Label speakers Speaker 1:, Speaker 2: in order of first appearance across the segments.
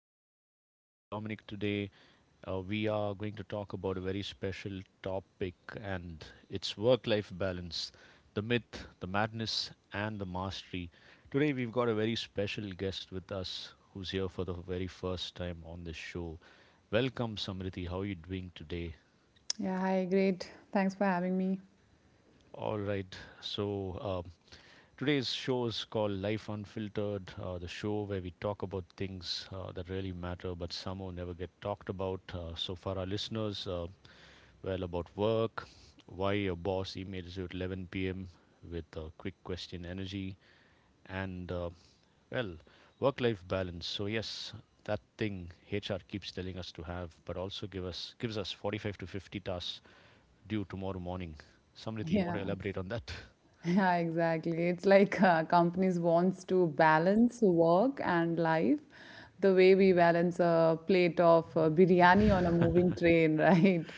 Speaker 1: show with me, Dominic. Today, we are going to talk about a very special topic, and it's work life balance, the myth, the madness, and the mastery. Today, we've got a very special guest with us who's here for the very first time on this show. Welcome, Samriti. How are you doing today?
Speaker 2: Yeah, hi, great. Thanks for having me.
Speaker 1: All right. So, today's show is called Life Unfiltered, the show where we talk about things that really matter but somehow never get talked about. So, for our listeners, well, about work, why your boss emails you at 11 p.m. with a quick question energy, and well, work life balance. So, yes. That thing HR keeps telling us to have, but also gives us 45 to 50 tasks due tomorrow morning. Samriti, you want to
Speaker 2: Yeah,
Speaker 1: elaborate on that?
Speaker 2: yeah, exactly. It's like companies wants to balance work and life the way we balance a plate of biryani on a moving train, right?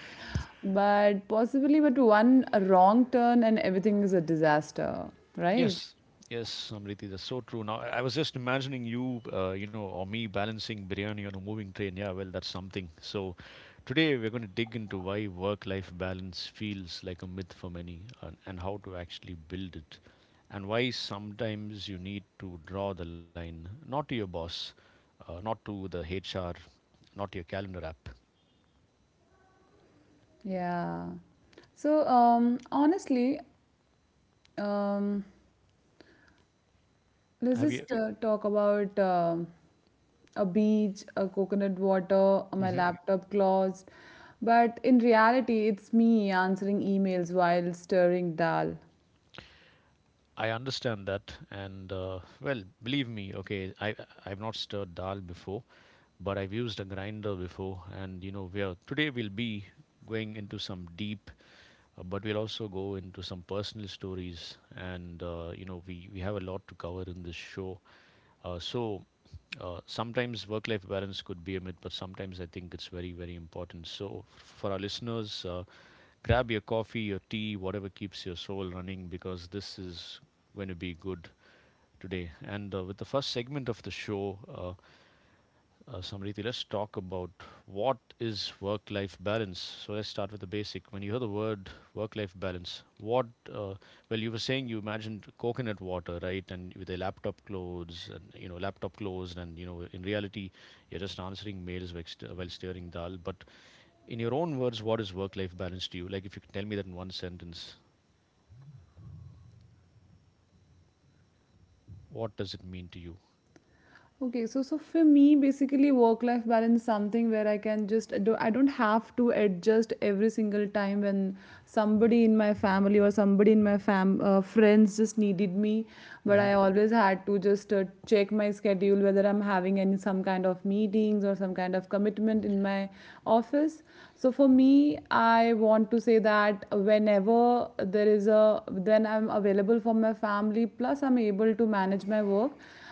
Speaker 2: But possibly, but one wrong turn and everything is a disaster, right?
Speaker 1: Yes, yes, Amriti, that's so true. Now, I was just imagining you, or me balancing biryani on a moving train. Yeah, well, that's something. So, today we're going to dig into why work-life balance feels like a myth for many, and how to actually build it, and why sometimes you need to draw the line, not to your boss, not to the HR, not to your calendar app.
Speaker 2: Yeah. So, um, honestly, um, let's
Speaker 1: Have you?
Speaker 2: just talk about a beach, a coconut water, my
Speaker 1: Hmm.
Speaker 2: laptop closed. But in reality, it's me answering emails while stirring dal.
Speaker 1: I understand that, and well, believe me. Okay, I I've not stirred dal before, but I've used a grinder before, and you know, we today we'll be going into some deep, but we'll also go into some personal stories, and we have a lot to cover in this show. So, sometimes work-life balance could be a myth, but sometimes I think it's very very important. So, for our listeners, grab your coffee, your tea, whatever keeps your soul running, because this is going to be good today. And with the first segment of the show. Samriti, let's talk about what is work-life balance. So let's start with the basic. When you hear the word work-life balance, what? Uh, well, you were saying you imagined coconut water, right? And with a laptop closed, and laptop closed, and in reality, you're just answering mails while while stirring dal. But in your own words, what is work-life balance to you? Like, if you can tell me that in one sentence, what does it mean to you?
Speaker 2: Okay, so for me, basically, work-life balance is something where I can just I don't have to adjust every single time when somebody in my family or somebody in my fam friends just needed me, but
Speaker 1: Hmm.
Speaker 2: I always had to just check my schedule whether I'm having any some kind of meetings or some kind of commitment in my office. So for me, I want to say that whenever there is a then I'm available for my family. Plus, I'm able to manage my work,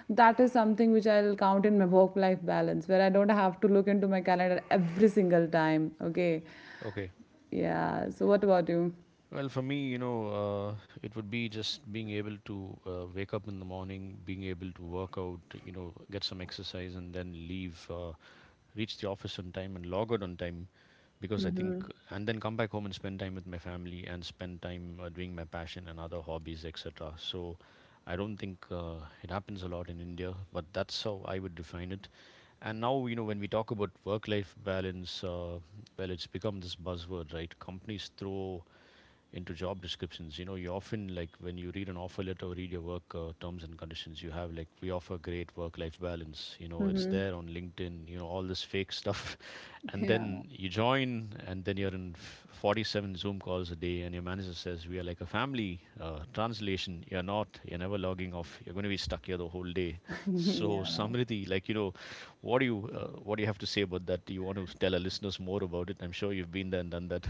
Speaker 2: that is something which I'll count in my work life balance, where I don't have to look into my calendar every single time. Okay.
Speaker 1: Okay.
Speaker 2: Yeah. So, what about you?
Speaker 1: Well, for me, it would be just being able to wake up in the morning, being able to work out, get some exercise, and then leave, reach the office on time, and log out on time. Because I think, and then come back home and spend time with my family and spend time doing my passion and other hobbies, etc. So I don't think it happens a lot in India, but that's how I would define it. And now, when we talk about work life balance, well, it's become this buzzword, right? Companies throw into job descriptions. You often, like, when you read an offer letter or read your work terms and conditions, you have like, we offer great work life balance. It's
Speaker 2: Mhm.
Speaker 1: there on LinkedIn. All this fake stuff. And
Speaker 2: Yeah.
Speaker 1: then you join and then you're in 47 zoom calls a day, and your manager says we are like a family. Translation: you're never logging off, you're going to be stuck here the whole day. So Samriddhi, like, what do you have to say about that? Do you want to tell our listeners more about it? I'm sure you've been there and done that.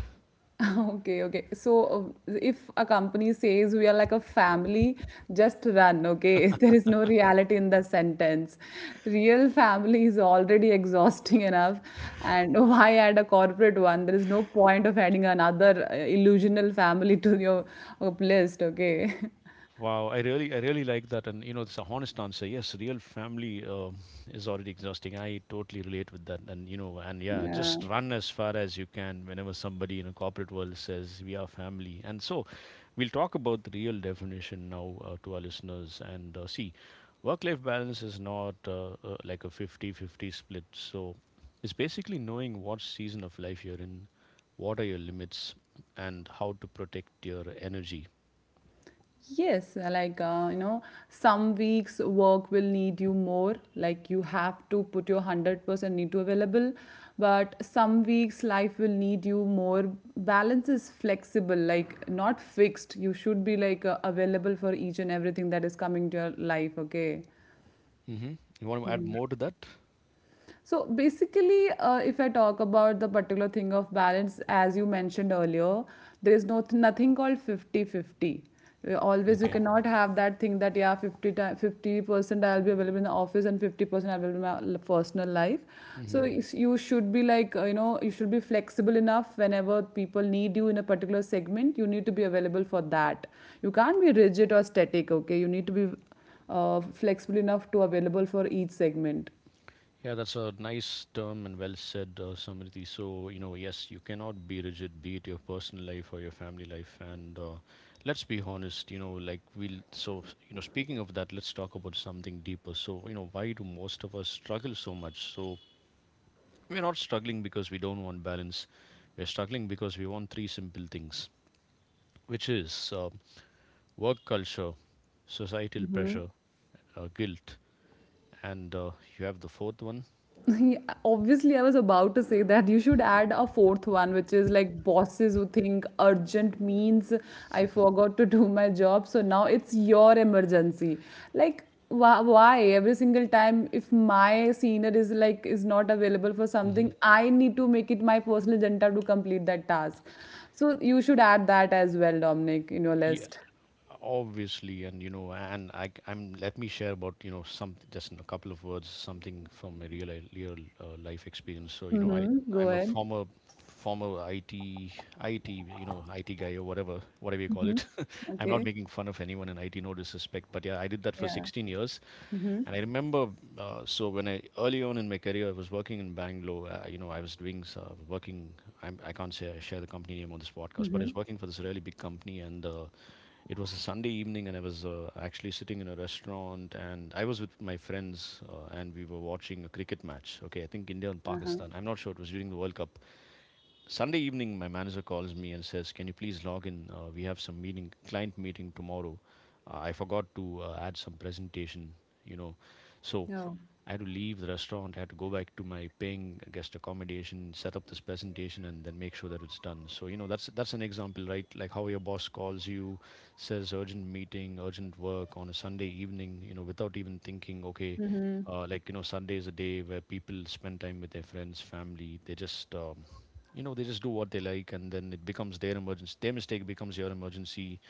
Speaker 2: Okay, okay. So if a company says we are like a family, just run, okay? There is no reality in the sentence. Real family is already exhausting enough, and why add a corporate one? There is no point of adding another illusional family to your list, okay?
Speaker 1: Wow, I really like that, and it's a honest answer. Yes, real family is already exhausting. I totally relate with that, and yeah,
Speaker 2: Yeah.
Speaker 1: just run as far as you can whenever somebody in a corporate world says we are family. And so, we'll talk about the real definition now to our listeners. And see, work-life balance is not like a fifty-fifty split. So, it's basically knowing what season of life you're in, what are your limits, and how to protect your energy.
Speaker 2: Yes, some weeks work will need you more. Like you have to put your 100% need to available, but some weeks life will need you more. Balance is flexible, like not fixed. You should be like available for each and everything that is coming to your life. Okay.
Speaker 1: Hmm. You want to add more to that?
Speaker 2: So basically, if I talk about the particular thing of balance, as you mentioned earlier, there is nothing called 50-50. Always you
Speaker 1: Okay.
Speaker 2: cannot have that thing that yeah, 50% I'll be available in the office and 50% I'll be available in my personal life.
Speaker 1: Hmm.
Speaker 2: You should be like, you should be flexible enough whenever people need you in a particular segment, you need to be available for that. You can't be rigid or static, okay? You need to be flexible enough to available for each segment.
Speaker 1: Yeah, that's a nice term and well said, Samriti. So, yes, you cannot be rigid, be it your personal life or your family life. And let's be honest, like, we'll, so, you know, speaking of that, let's talk about something deeper. So, why do most of us struggle so much? So, we're not struggling because we don't want balance. We're struggling because we want three simple things, which is work culture, societal pressure, guilt. And you have the fourth one?
Speaker 2: Obviously, I was about to say that you should add a fourth one, which is like bosses who think urgent means I forgot to do my job, so now it's your emergency. Like, why every single time if my senior is not available for something,
Speaker 1: Hmm.
Speaker 2: I need to make it my personal agenda to complete that task. So you should add that as well, Dominic, in your
Speaker 1: Yeah,
Speaker 2: list.
Speaker 1: obviously, and I'm let me share about some, just in a couple of words, something from a real life experience. So i
Speaker 2: Mm-hmm. Go
Speaker 1: i'm a
Speaker 2: ahead.
Speaker 1: former it it you know it guy, or whatever you call it. I'm not
Speaker 2: Okay.
Speaker 1: making fun of anyone in IT, no disrespect, but yeah, I did that for
Speaker 2: Yeah.
Speaker 1: 16 years.
Speaker 2: Mm-hmm.
Speaker 1: And I remember, so when I early on in my career, I was working in Bangalore. I was working. I can't say I share the company name on this podcast, but I was working for this really big company, and it was a Sunday evening, and I was actually sitting in a restaurant, and I was with my friends, and we were watching a cricket match. Okay, I think India and Pakistan. I'm not sure. It was during the World Cup. Sunday evening, my manager calls me and says, "Can you please log in? We have client meeting tomorrow. I forgot to add some presentation, you know." So
Speaker 2: Yeah.
Speaker 1: I had to leave the restaurant, I had to go back to my paying guest accommodation, set up this presentation, and then make sure that it's done. So that's an example, right? Like how your boss calls you, says urgent meeting, urgent work on a Sunday evening, without even thinking. Okay,
Speaker 2: Mm-hmm.
Speaker 1: like, Sunday is a day where people spend time with their friends, family. They just do what they like, and then it becomes their emergency. Their mistake becomes your emergency.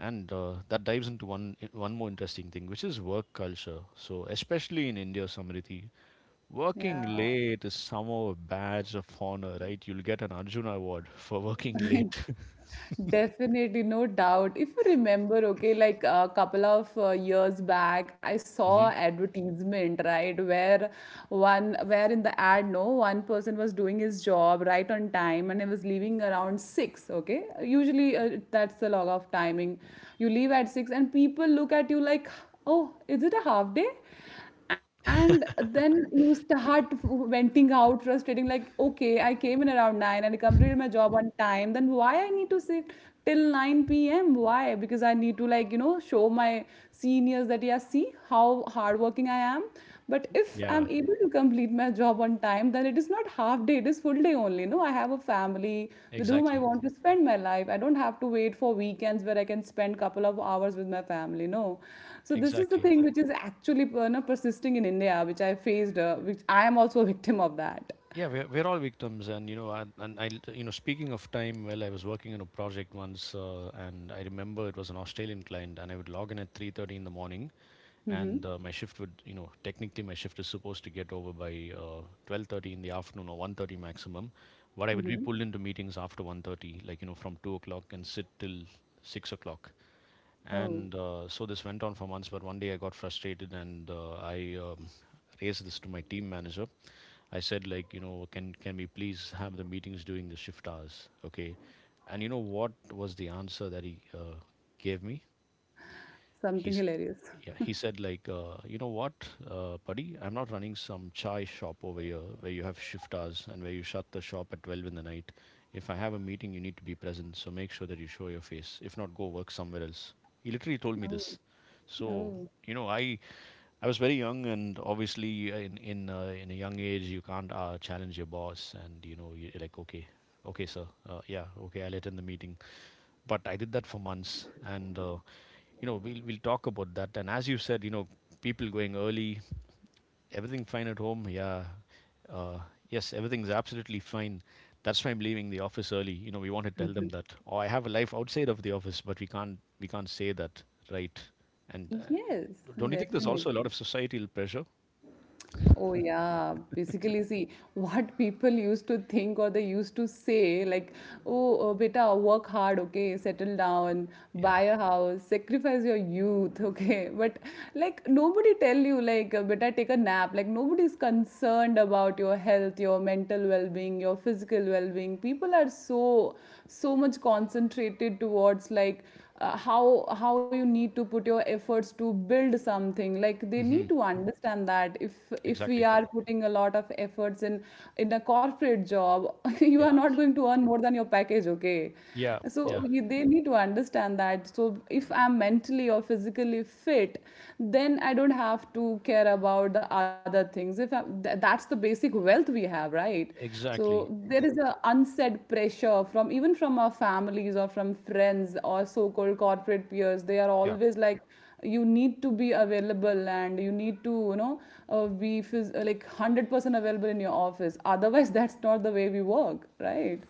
Speaker 1: And that dives into one more interesting thing, which is work culture. So, especially in India, Samriti,
Speaker 2: Yeah.
Speaker 1: working late is somehow a badge of honor, right? You'll get an Arjuna award for working late.
Speaker 2: Definitely, no doubt. If you remember, okay, like a couple of years back, I saw
Speaker 1: Hmm.
Speaker 2: advertisement, right, where in the ad, no, one person was doing his job right on time, and he was leaving around six. Okay, usually that's the log of timing. You leave at six, and people look at you like, oh, is it a half day? And then you start venting out frustrating like, okay, I came in around 9 and I completed my job on time, then why I need to sit till 9 p.m.? Why? Because I need to, like, you know, show my seniors that, yeah, see how hardworking I am. But if I'm
Speaker 1: Yeah,
Speaker 2: able to complete my job on time, then it is not half day, it is full day only. No, I have a family with whom I
Speaker 1: exactly.
Speaker 2: want to spend my life. I don't have to wait for weekends where I can spend couple of hours with my family. No, so this is the
Speaker 1: Exactly.
Speaker 2: thing which is actually no, persisting in India, which I faced, which I am also a victim of that.
Speaker 1: Yeah, we're all victims, and and I speaking of time, well, I was working on a project once, and I remember it was an Australian client, and I would log in at 3:30 in the morning, and
Speaker 2: Hmm.
Speaker 1: my shift would you know technically, my shift is supposed to get over by 12:30 in the afternoon or 1:30 maximum, but I would be pulled into meetings after 1:30, like, from 2 o'clock and sit till 6 o'clock.
Speaker 2: Oh,
Speaker 1: And so this went on for months. But one day, I got frustrated, and I raised this to my team manager. I said, like, can we please have the meetings during the shift hours? Okay. And you know what was the answer that he gave me?
Speaker 2: something
Speaker 1: He's
Speaker 2: hilarious.
Speaker 1: Yeah, he said, like, you know what, buddy, I'm not running some chai shop over here where you have shift hours and where you shut the shop at 12 in the night. If I have a meeting, you need to be present, so make sure that you show your face. If not, go work somewhere else. He literally told me
Speaker 2: Oh,
Speaker 1: this. So
Speaker 2: oh,
Speaker 1: you know i I was very young, and obviously in a young age you can't challenge your boss, and you're like, okay, okay, sir, yeah, okay, I'll attend the meeting. But I did that for months. And we'll talk about that. And as you said, people going early, everything fine at home, yeah, uh, yes, everything's absolutely fine. That's why I'm leaving the office early. We want to tell them that, oh, I have a life outside of the office, but we can't say that, right? And
Speaker 2: yes,
Speaker 1: don't you think there's also
Speaker 2: definitely.
Speaker 1: a lot of societal pressure?
Speaker 2: Oh, yeah. Basically, see, what people used to think or they used to say, like, oh, beta, work hard, okay, settle down,
Speaker 1: Yeah.
Speaker 2: buy a house, sacrifice your youth, okay. But, like, nobody tell you, like, beta, take a nap. Like, nobody's concerned about your health, your mental well being, your physical well being. People are so, so much concentrated towards, like, how you need to put your efforts to build something, like they need
Speaker 1: Hmm.
Speaker 2: to understand that if we
Speaker 1: Exactly.
Speaker 2: are putting a lot of efforts in a corporate job, you are
Speaker 1: Yeah,
Speaker 2: not going to earn more than your package, okay?
Speaker 1: yeah,
Speaker 2: So
Speaker 1: yeah.
Speaker 2: they need to understand that. So if I'm mentally or physically fit, then I don't have to care about other things. If I'm, th- that's the basic wealth we have, right? So
Speaker 1: Exactly.
Speaker 2: there is a unsaid pressure from even from our families or from friends or so-called corporate peers. They are
Speaker 1: Yeah.
Speaker 2: always like, you need to be available and you need to, you know, like 100% available in your office, otherwise that's not the way we work, right?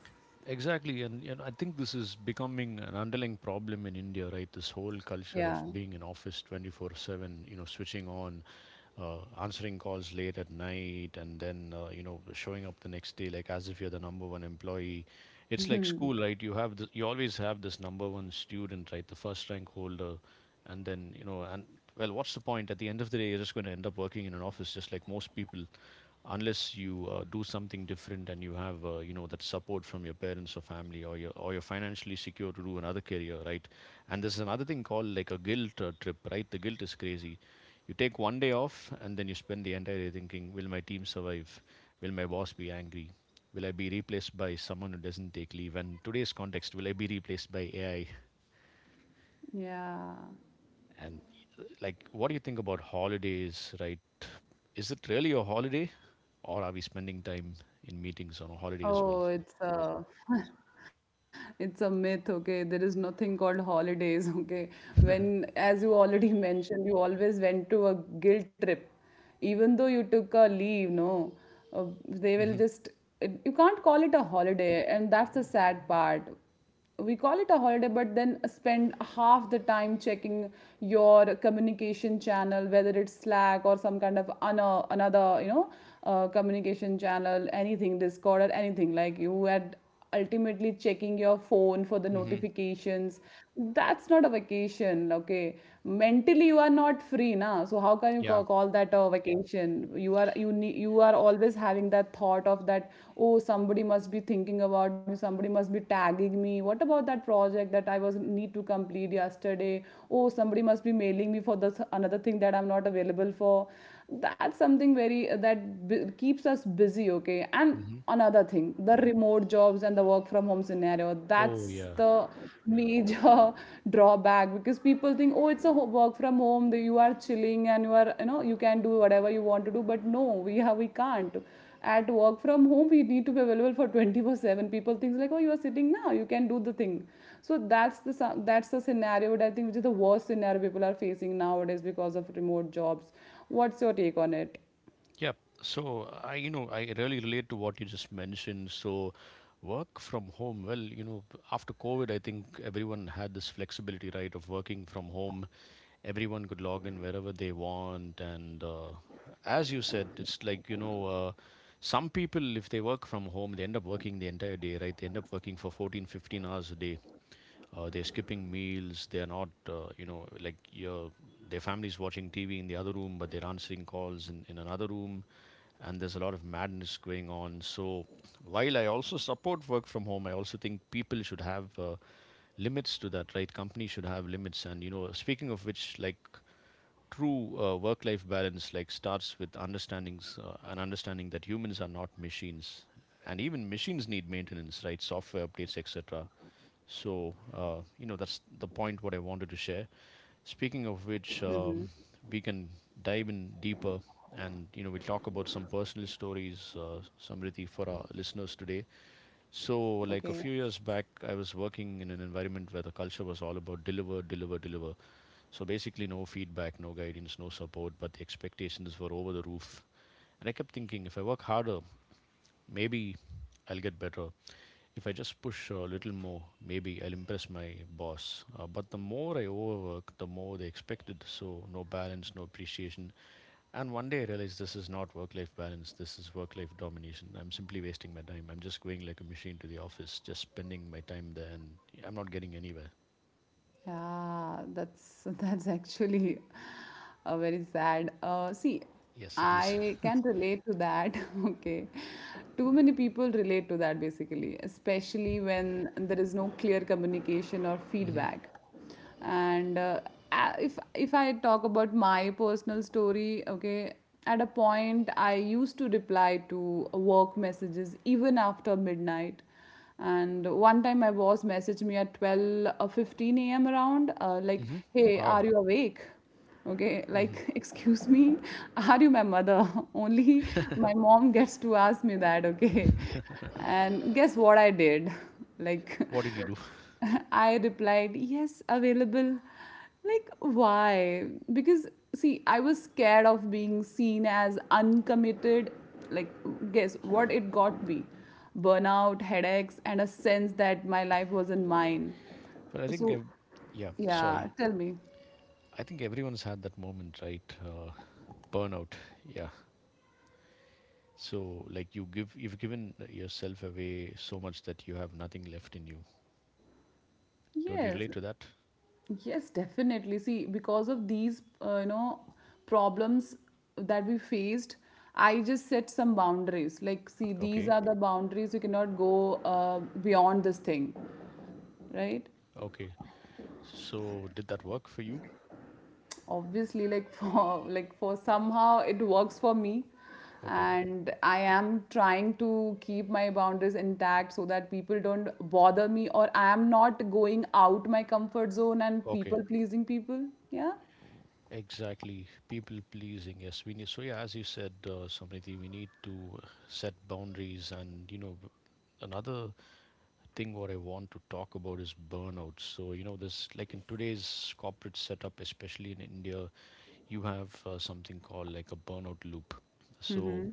Speaker 1: Exactly, and I think this is becoming an underlying problem in India, right? This whole culture of
Speaker 2: Yeah.
Speaker 1: being in office 24/7, you know, switching on, answering calls late at night, and then showing up the next day like as if you're the number one employee. It's like school, right? You always have this number one student, right? The first rank holder, and well, what's the point? At the end of the day, you're just going to end up working in an office, just like most people unless you do something different and you have that support from your parents or family, or you're financially secure to do another career, right? And there's another thing called like a guilt trip, right? The guilt is crazy. You take one day off and then you spend the entire day thinking, will my team survive? Will my boss be angry? Will I be replaced by someone who doesn't take leave? And today's context, will I be replaced by AI?
Speaker 2: Yeah.
Speaker 1: And like, what do you think about holidays, right? Is it really a holiday, or are we spending time in meetings on a holiday as well?
Speaker 2: Oh, it's a it's a myth, okay? There is nothing called holidays, okay? When, as you already mentioned, you always went to a guilt trip, even though you took a leave, no? They will
Speaker 1: Mm-hmm.
Speaker 2: just it, you can't call it a holiday, and that's the sad part. We call it a holiday but then spend half the time checking your communication channel, whether it's Slack or some kind of another, you know, communication channel, anything, Discord or anything. Like you had ultimately checking your phone for the
Speaker 1: Mm-hmm.
Speaker 2: notifications. That's not a vacation, okay? Mentally you are not free now, so how can you
Speaker 1: Yeah.
Speaker 2: call that a vacation? You are, you need, you are always having that thought of that, oh, somebody must be thinking about me, somebody must be tagging me. What about that project that I was need to complete yesterday? Oh, somebody must be mailing me for this another thing that I'm not available for. That's something very, keeps us busy, okay? And
Speaker 1: Mm-hmm.
Speaker 2: another thing, the remote jobs and the work from home scenario,
Speaker 1: Oh,
Speaker 2: that's
Speaker 1: yeah.
Speaker 2: the major drawback, because people think, oh, it's a work from home, you are chilling and you are, you know, you can do whatever you want to do. But no, we have, we can't. At work from home we need to be available for 24/7. People think like, oh, you are sitting now, you can do the thing. So that's the that's the scenario that I think, which is the worst scenario people are facing nowadays because of remote jobs. What's your take on it?
Speaker 1: Yeah. So I really relate to what you just mentioned. So work from home, well, you know, after COVID, I think everyone had this flexibility, right, of working from home. Everyone could log in wherever they want. And as you said, it's like, some people, if they work from home, they end up working the entire day, right? They end up working for 14, 15 hours a day. They're skipping meals. They're not, you know, like your, their family's watching TV in the other room, but they're answering calls in another room, and there's a lot of madness going on. So while I also support work from home, I also think people should have limits to that, right? Companies should have limits, and you know, speaking of which, like true work-life balance, like starts with understandings and understanding that humans are not machines, and even machines need maintenance, right? Software updates, etc. So that's the point what I wanted to share. Speaking of which, we can dive in deeper, and you know, we'll talk about some personal stories, Samriti, for our listeners today. So, like a few years back, I was working in an environment where the culture was all about deliver, deliver, deliver. So basically, no feedback, no guidance, no support, but the expectations were over the roof. And I kept thinking, if I work harder, maybe I'll get better. If I just push a little more, maybe I'll impress my boss. But the more I overwork, the more they expected. So, no balance, no appreciation. And one day I realized this is not work life balance, this is work life domination. I'm simply wasting my time. I'm just going like a machine to the office, just spending my time there, and I'm not getting anywhere.
Speaker 2: Yeah, that's actually a very sad. See,
Speaker 1: Yes, it is.
Speaker 2: I can relate to that. Okay, too many people relate to that basically, especially when there is no clear communication or
Speaker 1: Mhm.
Speaker 2: feedback. And if I talk about my personal story, okay, at a point I used to reply to work messages even after midnight. And one time my boss messaged me at 12 or 15 a.m. around, like,
Speaker 1: Mhm.
Speaker 2: hey, are
Speaker 1: Wow.
Speaker 2: you awake? Okay,
Speaker 1: Mhm.
Speaker 2: like, excuse me, are you my mother? Only my mom gets to ask me that, okay. And guess what I did? Like,
Speaker 1: What did you do?
Speaker 2: I replied, yes, available. Like, why? Because, see, I was scared of being seen as uncommitted. Like, guess what it got me? Burnout, headaches, and a sense that my life wasn't mine.
Speaker 1: Well, I think,
Speaker 2: So,
Speaker 1: ev- yeah, sorry.
Speaker 2: yeah, tell me.
Speaker 1: I think everyone's had that moment, right? Burnout. Yeah. So, like you've given yourself away so much that you have nothing left in you. Don't you
Speaker 2: Yes.
Speaker 1: relate to that?
Speaker 2: Yes, definitely. See, because of these, problems that we faced, I just set some boundaries. Like, see, these
Speaker 1: Okay,
Speaker 2: are the boundaries. You cannot go beyond this thing, right?
Speaker 1: okay. So, did that work for you?
Speaker 2: Obviously, like, for somehow it works for me,
Speaker 1: Okay,
Speaker 2: and I am trying to keep my boundaries intact so that people don't bother me, or I am not going out my comfort zone and
Speaker 1: okay.
Speaker 2: people pleasing people. Yeah.
Speaker 1: Exactly. People pleasing. Yes, we need. So, yeah, as you said, Samriti, we need to set boundaries. And, you know, another thing what I want to talk about is burnout. So, you know, this, like in today's corporate setup, especially in India, you have something called like a burnout loop. So,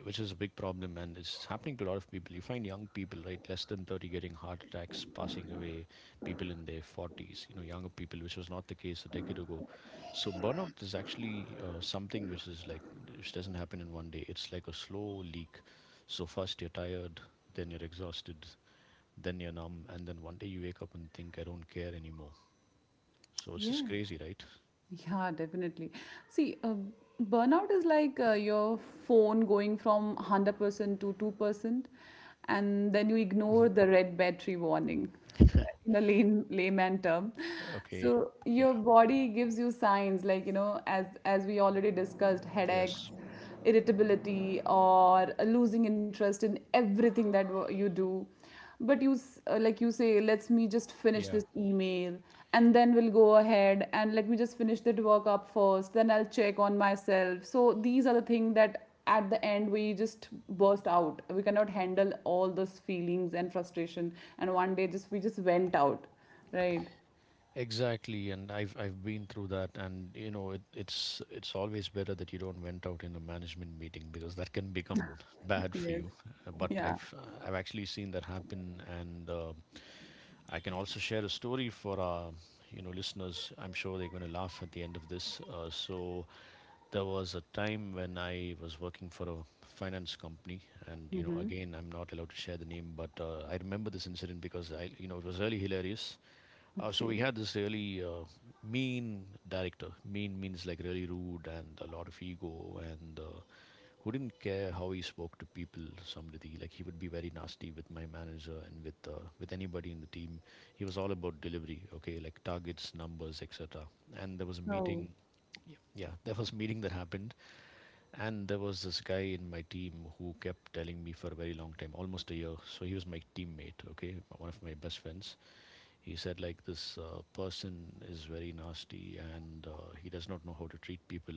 Speaker 1: which is a big problem, and it's happening to a lot of people. You find young people, right, less than 30 getting heart attacks, passing away, people in their 40s, you know, younger people, which was not the case a decade ago. So burnout is actually something which is like which doesn't happen in one day. It's like a slow leak. So first you're tired, then you're exhausted, then you're numb, and then one day you wake up and think, I don't care anymore. So it's just
Speaker 2: Yes.
Speaker 1: crazy, right?
Speaker 2: Yeah, definitely. See, burnout is like your phone going from 100% to 2%, and then you ignore
Speaker 1: Mhm.
Speaker 2: the red battery warning, right, in a lame, layman term.
Speaker 1: Okay.
Speaker 2: So your
Speaker 1: Yeah.
Speaker 2: body gives you signs like, you know, as we already discussed, headaches,
Speaker 1: Yes.
Speaker 2: irritability, or losing interest in everything that you do. But you like you say, let's me just finish
Speaker 1: Yeah.
Speaker 2: this email, and then we'll go ahead and let me just finish that work up first, then I'll check on myself. So these are the things that at the end we just burst out, we cannot handle all those feelings and frustration, and one day just we just went out, right?
Speaker 1: Exactly, and I've been through that, and you know it's always better that you don't went out in a management meeting because that can become bad for
Speaker 2: Yes.
Speaker 1: you. But
Speaker 2: Yeah.
Speaker 1: I've actually seen that happen, and I can also share a story for our, you know, listeners. I'm sure they're going to laugh at the end of this. So there was a time when I was working for a finance company, and you know again I'm not allowed to share the name, but I remember this incident because I, you know, it was really hilarious. So we had this really mean director. Mean means like really rude and a lot of ego, and who didn't care how he spoke to people. Somebody like he would be very nasty with my manager and with anybody in the team. He was all about delivery, okay, like targets, numbers, etc. And there was a
Speaker 2: So
Speaker 1: meeting. Yeah, yeah, there was a meeting that happened, and there was this guy in my team who kept telling me for a very long time, almost a year. So he was my teammate, okay, one of my best friends. He said, like, this person is very nasty and he does not know how to treat people,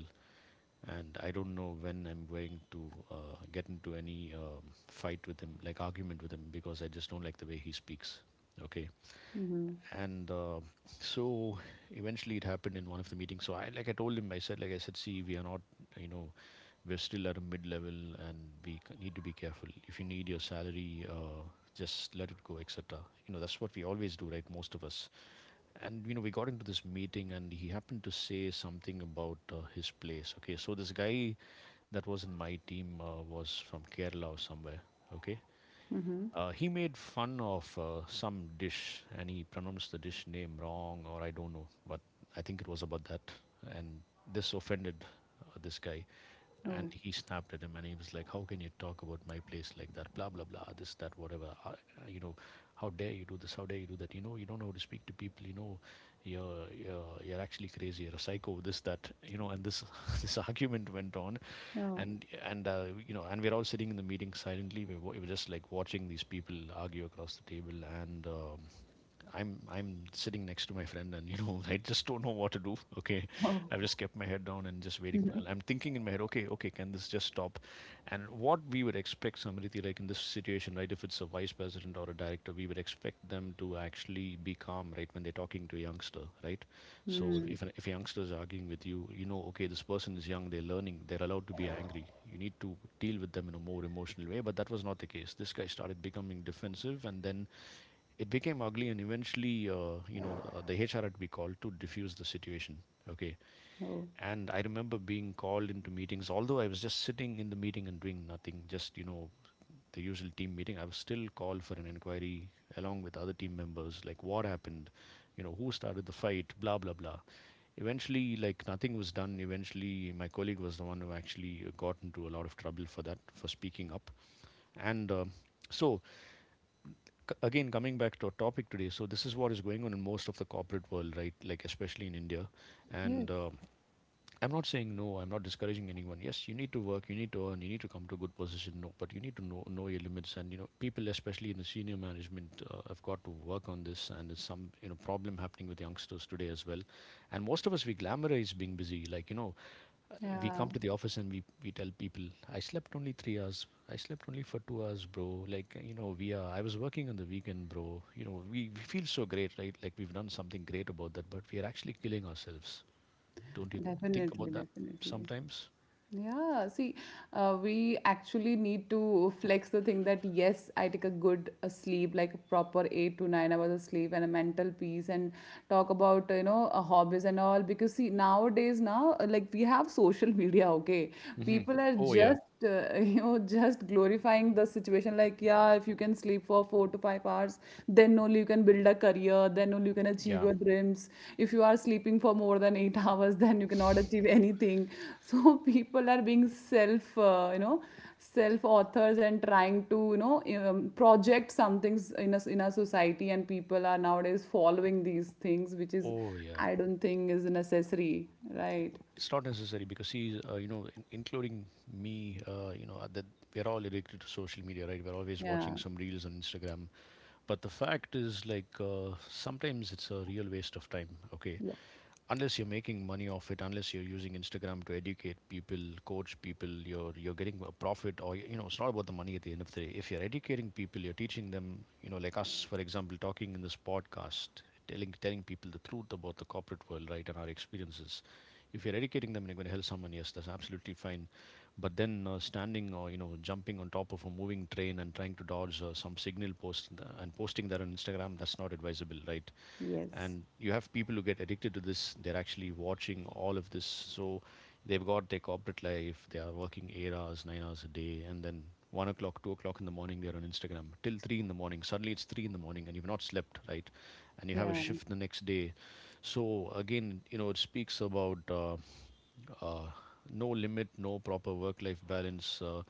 Speaker 1: and I don't know when I'm going to get into any fight with him, like argument with him, because I just don't like the way he speaks. Okay. And so eventually it happened in one of the meetings. So I like I told him, I said, like, I said, see, we are not, you know, we're still at a mid level and we need to be careful. If you need your salary, just let it go, etc. You know, that's what we always do, right? Most of us. And you know we got into this meeting and he happened to say something about his place. Okay, so this guy that was in my team was from Kerala or somewhere. Okay. He made fun of some dish and he pronounced the dish name wrong or I don't know, but I think it was about that. And this offended this guy, and he snapped at him and he was like, how can you talk about my place like that, blah blah blah, this that, whatever. You know, how dare you do this, how dare you do that, you know, you don't know how to speak to people, you know, you're actually crazy, you're a psycho, this that, you know. And this this argument went on. And you know, and we're all sitting in the meeting silently. We were just like watching these people argue across the table. And I'm sitting next to my friend and you know I just don't know what to do. Okay, I've just kept my head down and just waiting. For, I'm thinking in my head, okay, okay, can this just stop? And what we would expect somebody like in this situation, right? If it's a vice president or a director, we would expect them to actually be calm, right, when they're talking to a youngster, right? So if a youngster is arguing with you, you know, okay, this person is young, they're learning, they're allowed to be angry. You need to deal with them in a more emotional way, but that was not the case. This guy started becoming defensive, and then it became ugly, and eventually the hr had to be called to diffuse the situation. Okay. And I remember being called into meetings, although I was just sitting in the meeting and doing nothing, just the usual team meeting. I was still called for an inquiry along with other team members, like what happened, who started the fight, blah blah blah. Eventually, like, nothing was done. Eventually my colleague was the one who actually got into a lot of trouble for that, for speaking up. And so Again, coming back to our topic today, so this is what is going on in most of the corporate world, right, like especially in india. And I'm not saying no, I'm not discouraging anyone. Yes, you need to work, you need to earn, you need to come to a good position, no, but you need to know your limits. And you know, people, especially in the senior management, have got to work on this, and there's some problem happening with youngsters today as well. And most of us, we glamorize being busy, like, you know, we
Speaker 2: yeah,
Speaker 1: come to the office and we tell people, "I slept only 3 hours. I slept only for 2 hours, bro." Like, you know, we are I was working on the weekend, bro. You know, we feel so great, right, like we've done something great about that, but we are actually killing ourselves. Don't you think
Speaker 2: definitely,
Speaker 1: about that
Speaker 2: definitely.
Speaker 1: sometimes?
Speaker 2: Yeah, see, we actually need to flex the thing that yes, I take a good sleep, like a proper 8 to 9 hours of sleep and a mental peace, and talk about hobbies and all. Because see, nowadays now, like we have social media, okay,
Speaker 1: Hmm.
Speaker 2: people are
Speaker 1: Oh yeah.
Speaker 2: just you know, just glorifying the situation like, yeah, if you can sleep for 4 to 5 hours, then only you can build a career, then only you can achieve
Speaker 1: Yeah.
Speaker 2: your dreams. If you are sleeping for more than 8 hours, then you cannot achieve anything. So people are being self, self authors and trying to, you know, project some things in in our society, and people are nowadays following these things, which is
Speaker 1: Oh yeah.
Speaker 2: I don't think is necessary, right?
Speaker 1: It's not necessary because, see, you know, including me, you know that we're all addicted to social media, right? We're always watching
Speaker 2: Yeah.
Speaker 1: some reels on instagram, but the fact is, like, sometimes it's a real waste of time. Okay. Unless you're making money off it, unless you're using instagram to educate people, coach people, you're getting a profit. Or, you know, it's not about the money at the end of the day. If you're educating people, you're teaching them, you know, like us, for example, talking in this podcast, telling people the truth about the corporate world, right, and our experiences. If you're educating them and you're going to help someone, yes, that's absolutely fine. But then, standing or, you know, jumping on top of a moving train and trying to dodge some signal post and posting that on instagram, that's not advisable, right?
Speaker 2: Yes.
Speaker 1: And you have people who get addicted to this. They're actually watching all of this. So they've got their corporate life, they are working 8 hours, 9 hours a day, and then 1 o'clock, 2 o'clock in the morning, they're on instagram till three in the morning. Suddenly it's three in the morning and you've not slept, right? And you have a
Speaker 2: Yeah.
Speaker 1: shift the next day. So again, you know, it speaks about uh, no limit, no proper work life balance.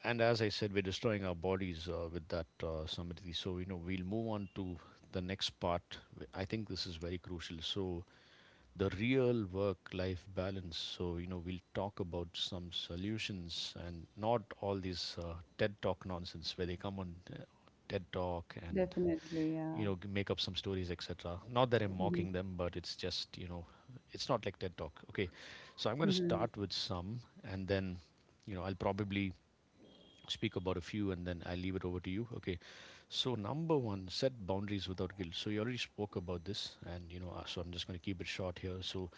Speaker 1: And as I said, we're destroying our bodies with that samadhi. So, you know, we'll move on to the next part. I think this is very crucial. So, the real work life balance. So, you know, we'll talk about some solutions and not all this TED Talk nonsense where they come on TED Talk and,
Speaker 2: Definitely, yeah.
Speaker 1: you know, make up some stories, etc. Not that I'm mocking them, but it's just, you know, it's not like TED Talk. Okay. So, I'm going to start with some, and then, you know, I'll probably speak about a few and then I leave it over to you. Okay. So number one, set boundaries without guilt. So you already spoke about this, and you know, so I'm just going to keep it short here. So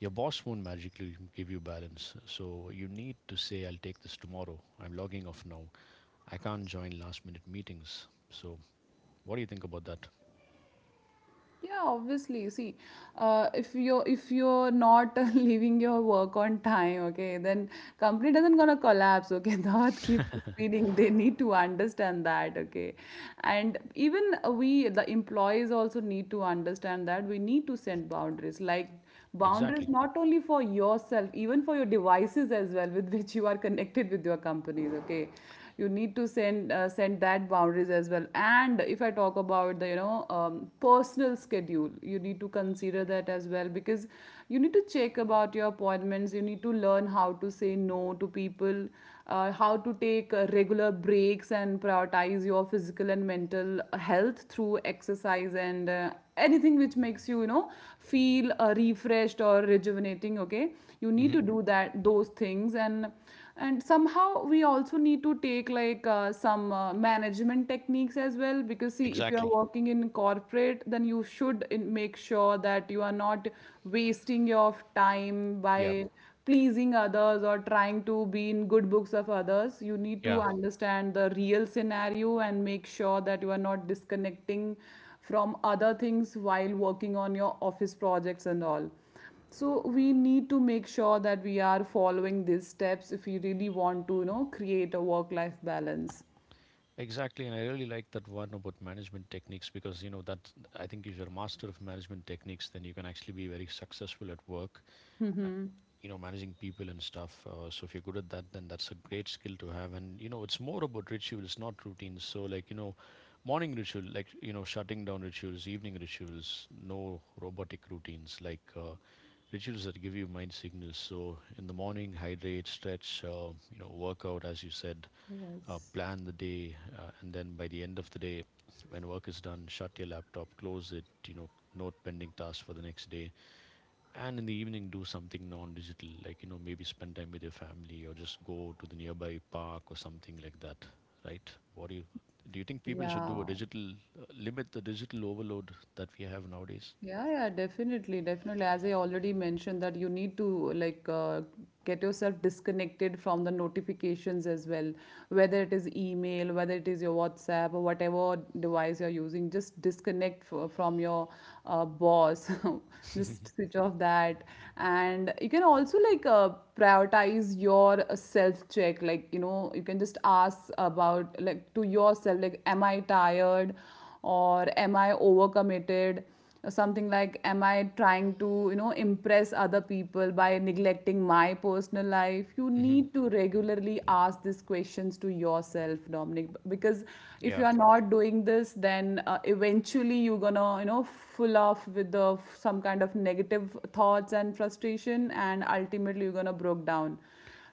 Speaker 1: your boss won't magically give you balance. So you need to say, "I'll take this tomorrow. I'm logging off now. I can't join last-minute meetings." So what do you think about that?
Speaker 2: Yeah, obviously. See, if you're not leaving your work on time, okay, then company doesn't gonna collapse. Okay, the earth keeps spinning. They need to understand that. Okay, and even we the employees also need to understand that we need to set boundaries. Like boundaries
Speaker 1: Exactly.
Speaker 2: not only for yourself, even for your devices as well, with which you are connected with your companies. Okay, you need to send that boundaries as well. And if I talk about the, you know, personal schedule, you need to consider that as well, because you need to check about your appointments, you need to learn how to say no to people, how to take regular breaks and prioritize your physical and mental health through exercise and anything which makes you, you know, feel refreshed or rejuvenating. Okay, you need
Speaker 1: Hmm.
Speaker 2: to do that, those things, and somehow we also need to take like some management techniques as well, because see, if you are
Speaker 1: Exactly.
Speaker 2: working in corporate, then you should make sure that you are not wasting your time
Speaker 1: Yep.
Speaker 2: by pleasing others or trying to be in good books of others. You need to
Speaker 1: Yeah.
Speaker 2: understand the real scenario and make sure that you are not disconnecting from other things while working on your office projects and all. So we need to make sure that we are following these steps if we really want to, you know, create a work life balance.
Speaker 1: Exactly, and I really like that one about management techniques, because you know that I think if you're a master of management techniques, then you can actually be very successful at work, you know, managing people and stuff. So if you're good at that, then that's a great skill to have. And you know, it's more about rituals, not routines. So, like, you know, morning ritual, like, you know, shutting down rituals, evening rituals, no robotic routines, like rituals that give you mind signals. So in the morning, hydrate, stretch, you know, work out, as you said, plan the day. And then by the end of the day, when work is done, shut your laptop, close it, you know, note pending tasks for the next day. And in the evening, do something non-digital, like, you know, maybe spend time with your family or just go to the nearby park or something like that, right? What do you, do you think people should do a
Speaker 2: Yeah.
Speaker 1: digital, limit the digital overload that we have nowadays?
Speaker 2: Yeah, yeah, definitely, definitely. As I already mentioned, that you need to like, get yourself disconnected from the notifications as well, whether it is email, whether it is your WhatsApp or whatever device you're using. Just disconnect from your boss. Just switch off that, and you can also like prioritize your self check. Like, you know, you can just ask about like to yourself, like, am I tired, or am I overcommitted? Or something like, am I trying to, you know, impress other people by neglecting my personal life? You
Speaker 1: Hmm.
Speaker 2: need to regularly ask these questions to yourself, Dominic, because if
Speaker 1: Yeah.
Speaker 2: you are not doing this, then eventually you're gonna, you know, full off with the some kind of negative thoughts and frustration, and ultimately you're gonna broke down.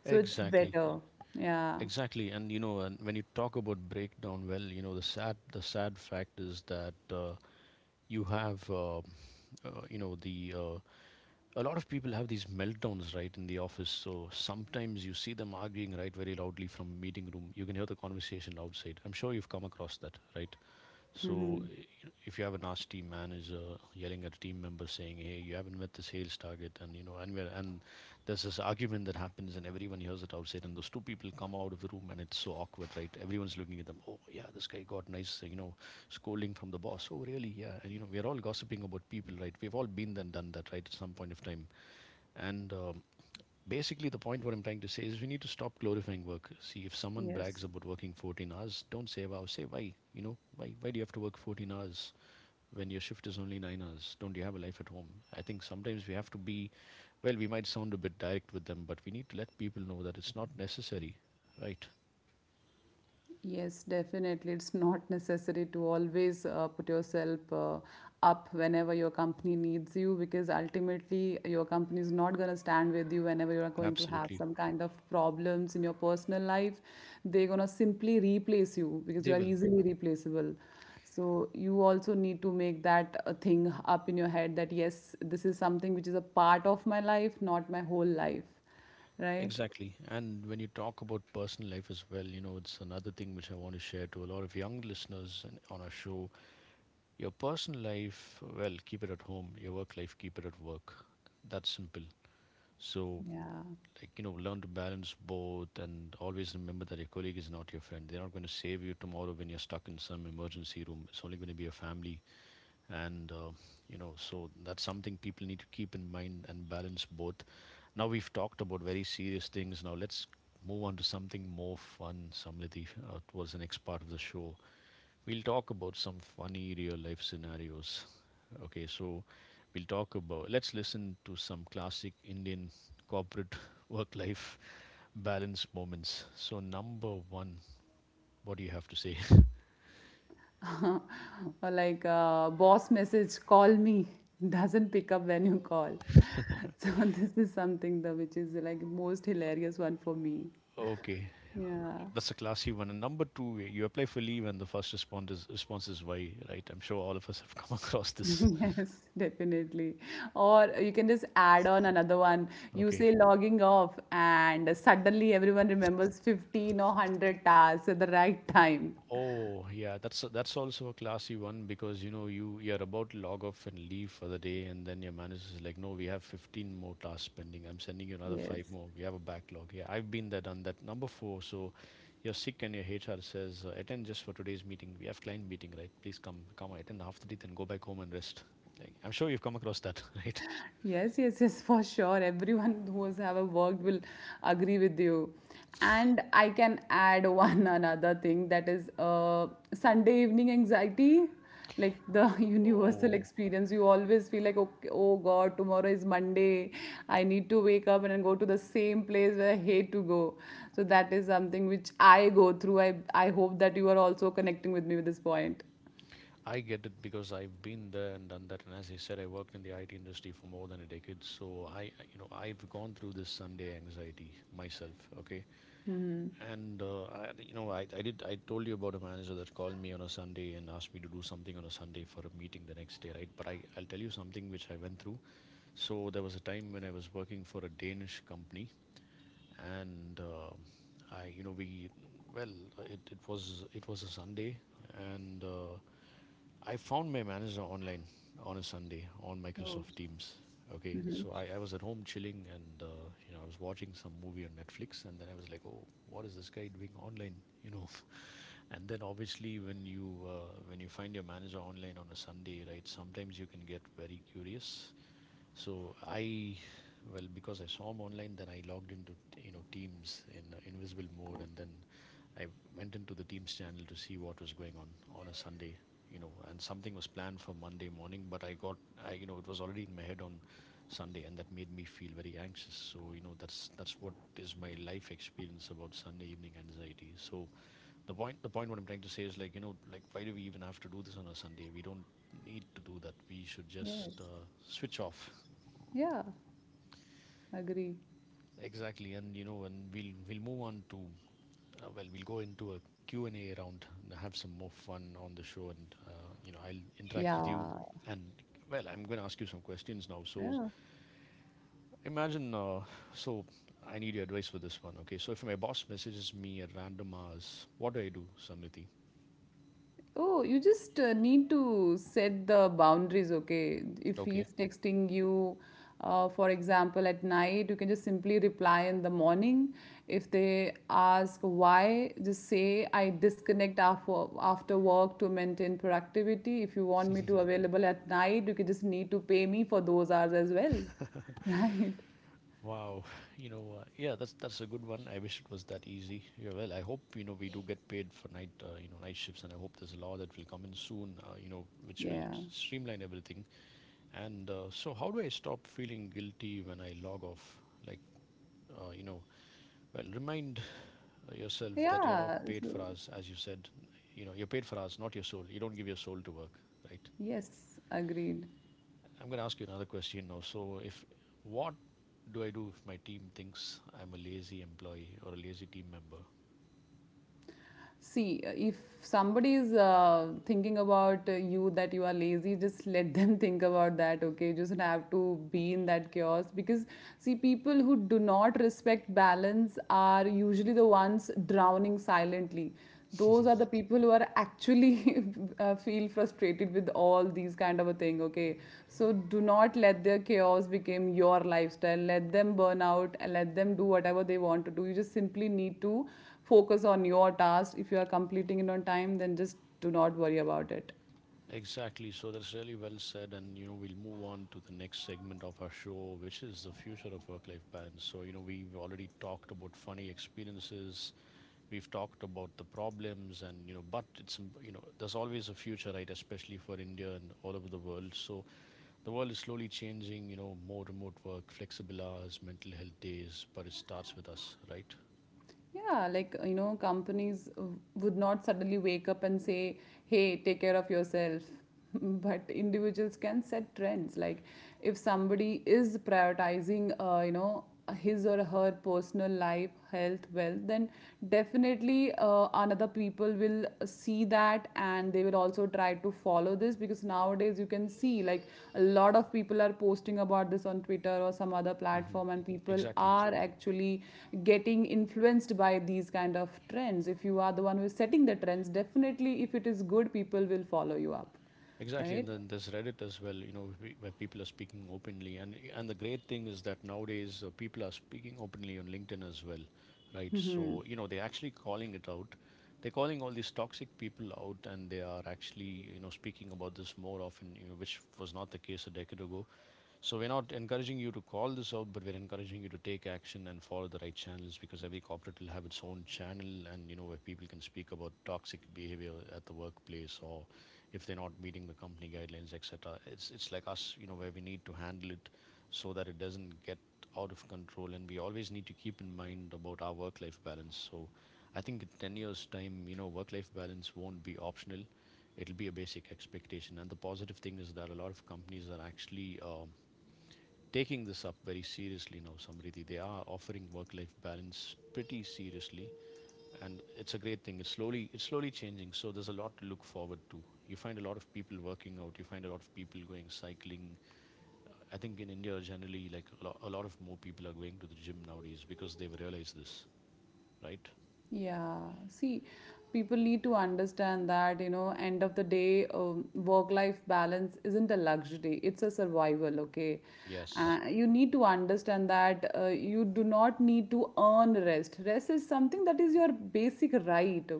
Speaker 2: So it's
Speaker 1: Exactly,
Speaker 2: better. Yeah.
Speaker 1: exactly. And you know, and when you talk about breakdown, well, you know, the sad fact is that you have you know the uh, a lot of people have these meltdowns, right, in the office. So sometimes you see them arguing, right, very loudly from meeting room, you can hear the conversation outside. I'm sure you've come across that, right? So if you have a nasty manager yelling at a team member, saying, "Hey, you haven't met the sales target," and you know, and there's this argument that happens and everyone hears it outside, and those two people come out of the room and it's so awkward, right? Everyone's looking at them. Oh yeah, this guy got nice, you know, scolding from the boss. Oh really? Yeah. And you know, we're all gossiping about people, right? We've all been there and done that, right, at some point of time. And Basically, the point what I'm trying to say is we need to stop glorifying work. See, if someone brags about working 14 hours, don't say wow. Say why. You know, why? Why do you have to work 14 hours when your shift is only 9 hours? Don't you have a life at home? I think sometimes we have to be, well, we might sound a bit direct with them, but we need to let people know that it's not necessary, right?
Speaker 2: Yes, definitely. It's not necessary to always put yourself up whenever your company needs you, because ultimately your company is not going to stand with you whenever you are going to have
Speaker 1: Absolutely,
Speaker 2: some kind of problems in your personal life. They're going to simply replace you because
Speaker 1: they
Speaker 2: you are
Speaker 1: will.
Speaker 2: easily replaceable. So you also need to make that a thing up in your head that yes, this is something which is a part of my life, not my whole life, right?
Speaker 1: Exactly. And when you talk about personal life as well, you know, it's another thing which I want to share to a lot of young listeners and on our show. Your personal life, well, keep it at home. Your work life, keep it at work. That's simple. So,
Speaker 2: Yeah.
Speaker 1: like, you know, learn to balance both and always remember that your colleague is not your friend. They're not going to save you tomorrow when you're stuck in some emergency room. It's only going to be your family. And, you know, so that's something people need to keep in mind and balance both. Now, we've talked about very serious things. Now, let's move on to something more fun, Samriti, towards the next part of the show. We'll talk about some funny real life scenarios. Okay, so we'll talk about, let's listen to some classic Indian corporate work life balance moments. So, number one, what do you have to say?
Speaker 2: Or like boss message, call me, doesn't pick up when you call. So this is something the which is like most hilarious one for me.
Speaker 1: Okay,
Speaker 2: Yeah.
Speaker 1: that's a classy one. And number two, you apply for leave, and the first response is why, right? I'm sure all of us have come across this.
Speaker 2: Yes, definitely. Or you can just add on another one. You
Speaker 1: Okay.
Speaker 2: say logging off, and suddenly everyone remembers 15 or 100 tasks at the right time.
Speaker 1: Oh yeah, that's that's also a classy one, because you know you're about to log off and leave for the day, and then your manager is like, "No, we have 15 more tasks pending. I'm sending you another five
Speaker 2: Yes.
Speaker 1: more. We have a backlog." Yeah, I've been there, done that. Number four, so you're sick and your HR says, "Attend just for today's meeting. We have client meeting, right? Please come, come attend after it, then go back home and rest." Like, I'm sure you've come across that, right?
Speaker 2: Yes, yes, yes, for sure. Everyone who has ever worked will agree with you. And I can add one another thing, that is Sunday evening anxiety, like the universal
Speaker 1: Oh.
Speaker 2: experience. You always feel like, okay, oh God, tomorrow is Monday. I need to wake up and then go to the same place where I hate to go. So that is something which I go through. I hope that you are also connecting with me with this point.
Speaker 1: I get it, because I've been there and done that. And as I said, I worked in the IT industry for more than a decade. So you know, I've gone through this Sunday anxiety myself. Okay. And, I did, I told you about a manager that called me on a Sunday and asked me to do something on a Sunday for a meeting the next day, right? But I'll tell you something which I went through. So there was a time when I was working for a Danish company, and, I, you know, we, well, it was a Sunday, and, I found my manager online on a Sunday on Microsoft Teams. Okay, so I was at home chilling, and you know, I was watching some movie on Netflix, and then I was like, "Oh, what is this guy doing online?" You know, and then obviously when you find your manager online on a Sunday, right? Sometimes you can get very curious. So well, because I saw him online, then I logged into you know Teams in invisible mode, and then I went into the Teams channel to see what was going on a Sunday, you know, and something was planned for Monday morning, but you know, it was already in my head on Sunday, and that made me feel very anxious. So you know, that's what is my life experience about Sunday evening anxiety. So the point, what I'm trying to say is like why do we even have to do this on a Sunday? We don't need to do that. We should just
Speaker 2: Yes.
Speaker 1: switch off.
Speaker 2: Yeah, agree.
Speaker 1: Exactly, and you know, and we'll move on to we'll go into a Q and A round and have some more fun on the show, and I'll interact with
Speaker 2: Yeah.
Speaker 1: you, and well, I'm going to ask you some questions now. So
Speaker 2: Yeah.
Speaker 1: imagine, so I need your advice for this one. Okay, so if my boss messages me at random hours, what do I do, Samriti?
Speaker 2: Oh, you just need to set the boundaries, okay? If
Speaker 1: Okay.
Speaker 2: he's texting you, for example, at night, you can just simply reply in the morning. If they ask why, just say, I disconnect after work to maintain productivity. If you want me to available at night, you can just need to pay me for those hours as well, right?
Speaker 1: Wow, yeah, that's a good one. I wish it was that easy. Yeah, well, I hope you know we do get paid for night shifts, and I hope there's a law that will come in soon, which will
Speaker 2: Yeah.
Speaker 1: streamline everything. And so, how do I stop feeling guilty when I log off? Like, uh, you know, remind yourself that you're not
Speaker 2: Yeah.
Speaker 1: paid
Speaker 2: So,
Speaker 1: for us, as you said. You know, you're paid for us, not your soul. You don't give your soul to work, right?
Speaker 2: yes, agreed.
Speaker 1: I'm going to ask you another question now. So, if what do I do if my team thinks I'm a lazy employee or a lazy team member?
Speaker 2: See, if somebody is thinking about you that you are lazy, just let them think about that, okay? You just don't have to be in that chaos because, see, people who do not respect balance are usually the ones drowning silently. Those are the people who are actually feel frustrated with all these kind of a thing. Okay, so do not let their chaos become your lifestyle. Let them burn out and let them do whatever they want to do. You just simply need to focus on your task. If you are completing it on time, then just do not worry about it.
Speaker 1: Exactly. So that's really well said. And, you know, we'll move on to the next segment of our show, which is the future of work life balance. So, you know, we've already talked about funny experiences, we've talked about the problems, and, you know, but it's, you know, there's always a future, right? Especially for India and all over the world. So, the world is slowly changing, you know, more remote work, flexible hours, mental health days, but it starts with us, right?
Speaker 2: Yeah, like, you know, companies would not suddenly wake up and say, "Hey, take care of yourself." But individuals can set trends. Like if somebody is prioritizing, his or her personal life, health, wealth, then definitely another people will see that, and they will also try to follow this, because nowadays you can see like a lot of people are posting about this on Twitter or some other
Speaker 1: Hmm.
Speaker 2: platform, and people
Speaker 1: Exactly.
Speaker 2: are actually getting influenced by these kind of trends. If you are the one who is setting the trends, definitely if it is good, people will follow you up,
Speaker 1: Exactly,
Speaker 2: right?
Speaker 1: and then there's Reddit as well, you know, where people are speaking openly, and the great thing is that nowadays people are speaking openly on LinkedIn as well, right? So you know they're actually calling it out, they're calling all these toxic people out, and they are actually you know speaking about this more often, you know, which was not the case a decade ago. So we're not encouraging you to call this out, but we're encouraging you to take action and follow the right channels because every corporate will have its own channel, and you know where people can speak about toxic behavior at the workplace or if they're not meeting the company guidelines, etc. It's like us, you know, where we need to handle it so that it doesn't get out of control, and we always need to keep in mind about our work-life balance. So I think in 10 years' time, you know, work-life balance won't be optional. It'll be a basic expectation, and the positive thing is that a lot of companies are actually taking this up very seriously now, Samriti. They are offering work-life balance pretty seriously, and it's a great thing. It's slowly changing, so there's a lot to look forward to. You find a lot of people working out. You find a lot of people going cycling. I think in India generally, like a lot of more people are going to the gym nowadays because they've realized this, right?
Speaker 2: Yeah, see, people need to understand that, you know, end of the day, work-life balance isn't a luxury, it's a survival, okay?
Speaker 1: Yes.
Speaker 2: You need to understand that you do not need to earn rest. Rest is something that is your basic right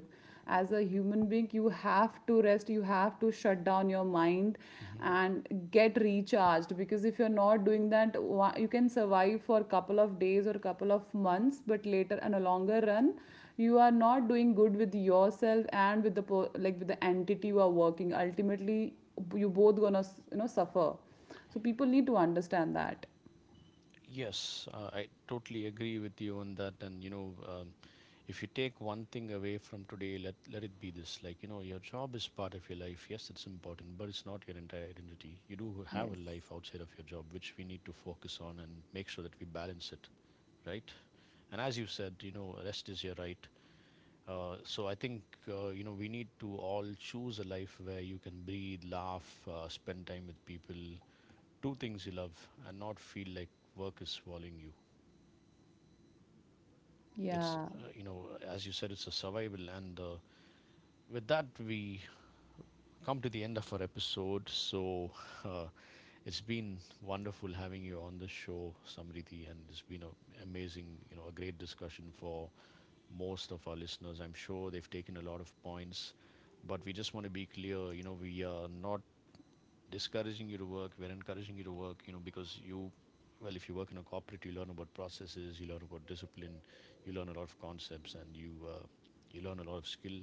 Speaker 2: as a human being. You have to rest, you have to shut down your mind
Speaker 1: Mm-hmm.
Speaker 2: and get recharged, because if you're not doing that, you can survive for a couple of days or a couple of months, but later on a longer run, you are not doing good with yourself and with the, like, with the entity you are working. Ultimately, you both gonna, you know, suffer. So people need to understand that.
Speaker 1: Yes, I totally agree with you on that. And you know, if you take one thing away from today, let it be this. Like you know, your job is part of your life. Yes, it's important, but it's not your entire identity. You do have a life outside of your job, which we need to focus on and make sure that we balance it, right? And as you said, you know, rest is your right. So I think we need to all choose a life where you can breathe, laugh, spend time with people, do things you love, and not feel like work is swallowing you. It's,
Speaker 2: Yeah.
Speaker 1: you know, as you said, it's a survival. And with that, we come to the end of our episode. So uh, it's been wonderful having you on the show, Samriddhi, and it's been a amazing, you know, a great discussion for most of our listeners. I'm sure they've taken a lot of points, but we just want to be clear, you know, we are not discouraging you to work. We're encouraging you to work, you know, if you work in a corporate, you learn about processes, you learn about discipline, you learn a lot of concepts, and you learn a lot of skill.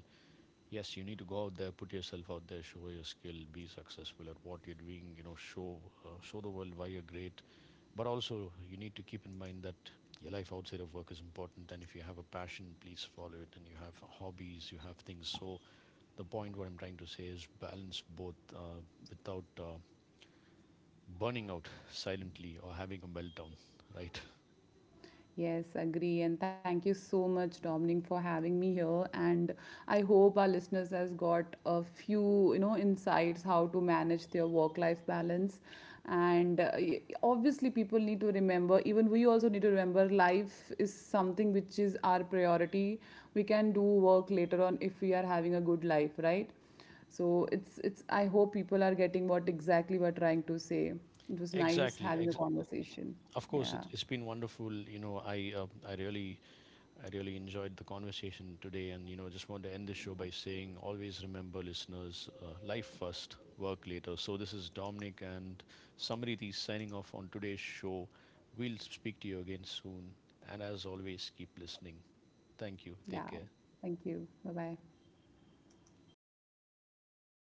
Speaker 1: Yes, you need to go out there, put yourself out there, show your skill, be successful at what you're doing. You know, show the world why you're great. But also, you need to keep in mind that your life outside of work is important, and if you have a passion, please follow it. And you have hobbies, you have things. So the point what I'm trying to say is balance both without burning out silently or having a meltdown, right?
Speaker 2: Yes, agree. And thank you so much, Dominic, for having me here. And I hope our listeners has got a few, you know, insights how to manage their work-life balance. And obviously, people need to remember. Even we also need to remember, life is something which is our priority. We can do work later on if we are having a good life, right? So it's it's. I hope people are getting what exactly we're trying to say. It was nice
Speaker 1: Exactly.
Speaker 2: having a
Speaker 1: Ex-
Speaker 2: conversation.
Speaker 1: of course,
Speaker 2: Yeah.
Speaker 1: it, it's been wonderful. You know, I really enjoyed the conversation today, and you know, just want to end this show by saying, always remember, listeners, life first, work later. So this is Dominic and Samriti signing off on today's show. We'll speak to you again soon, and as always, keep listening. Thank you. Take care.
Speaker 2: Thank you. Bye bye.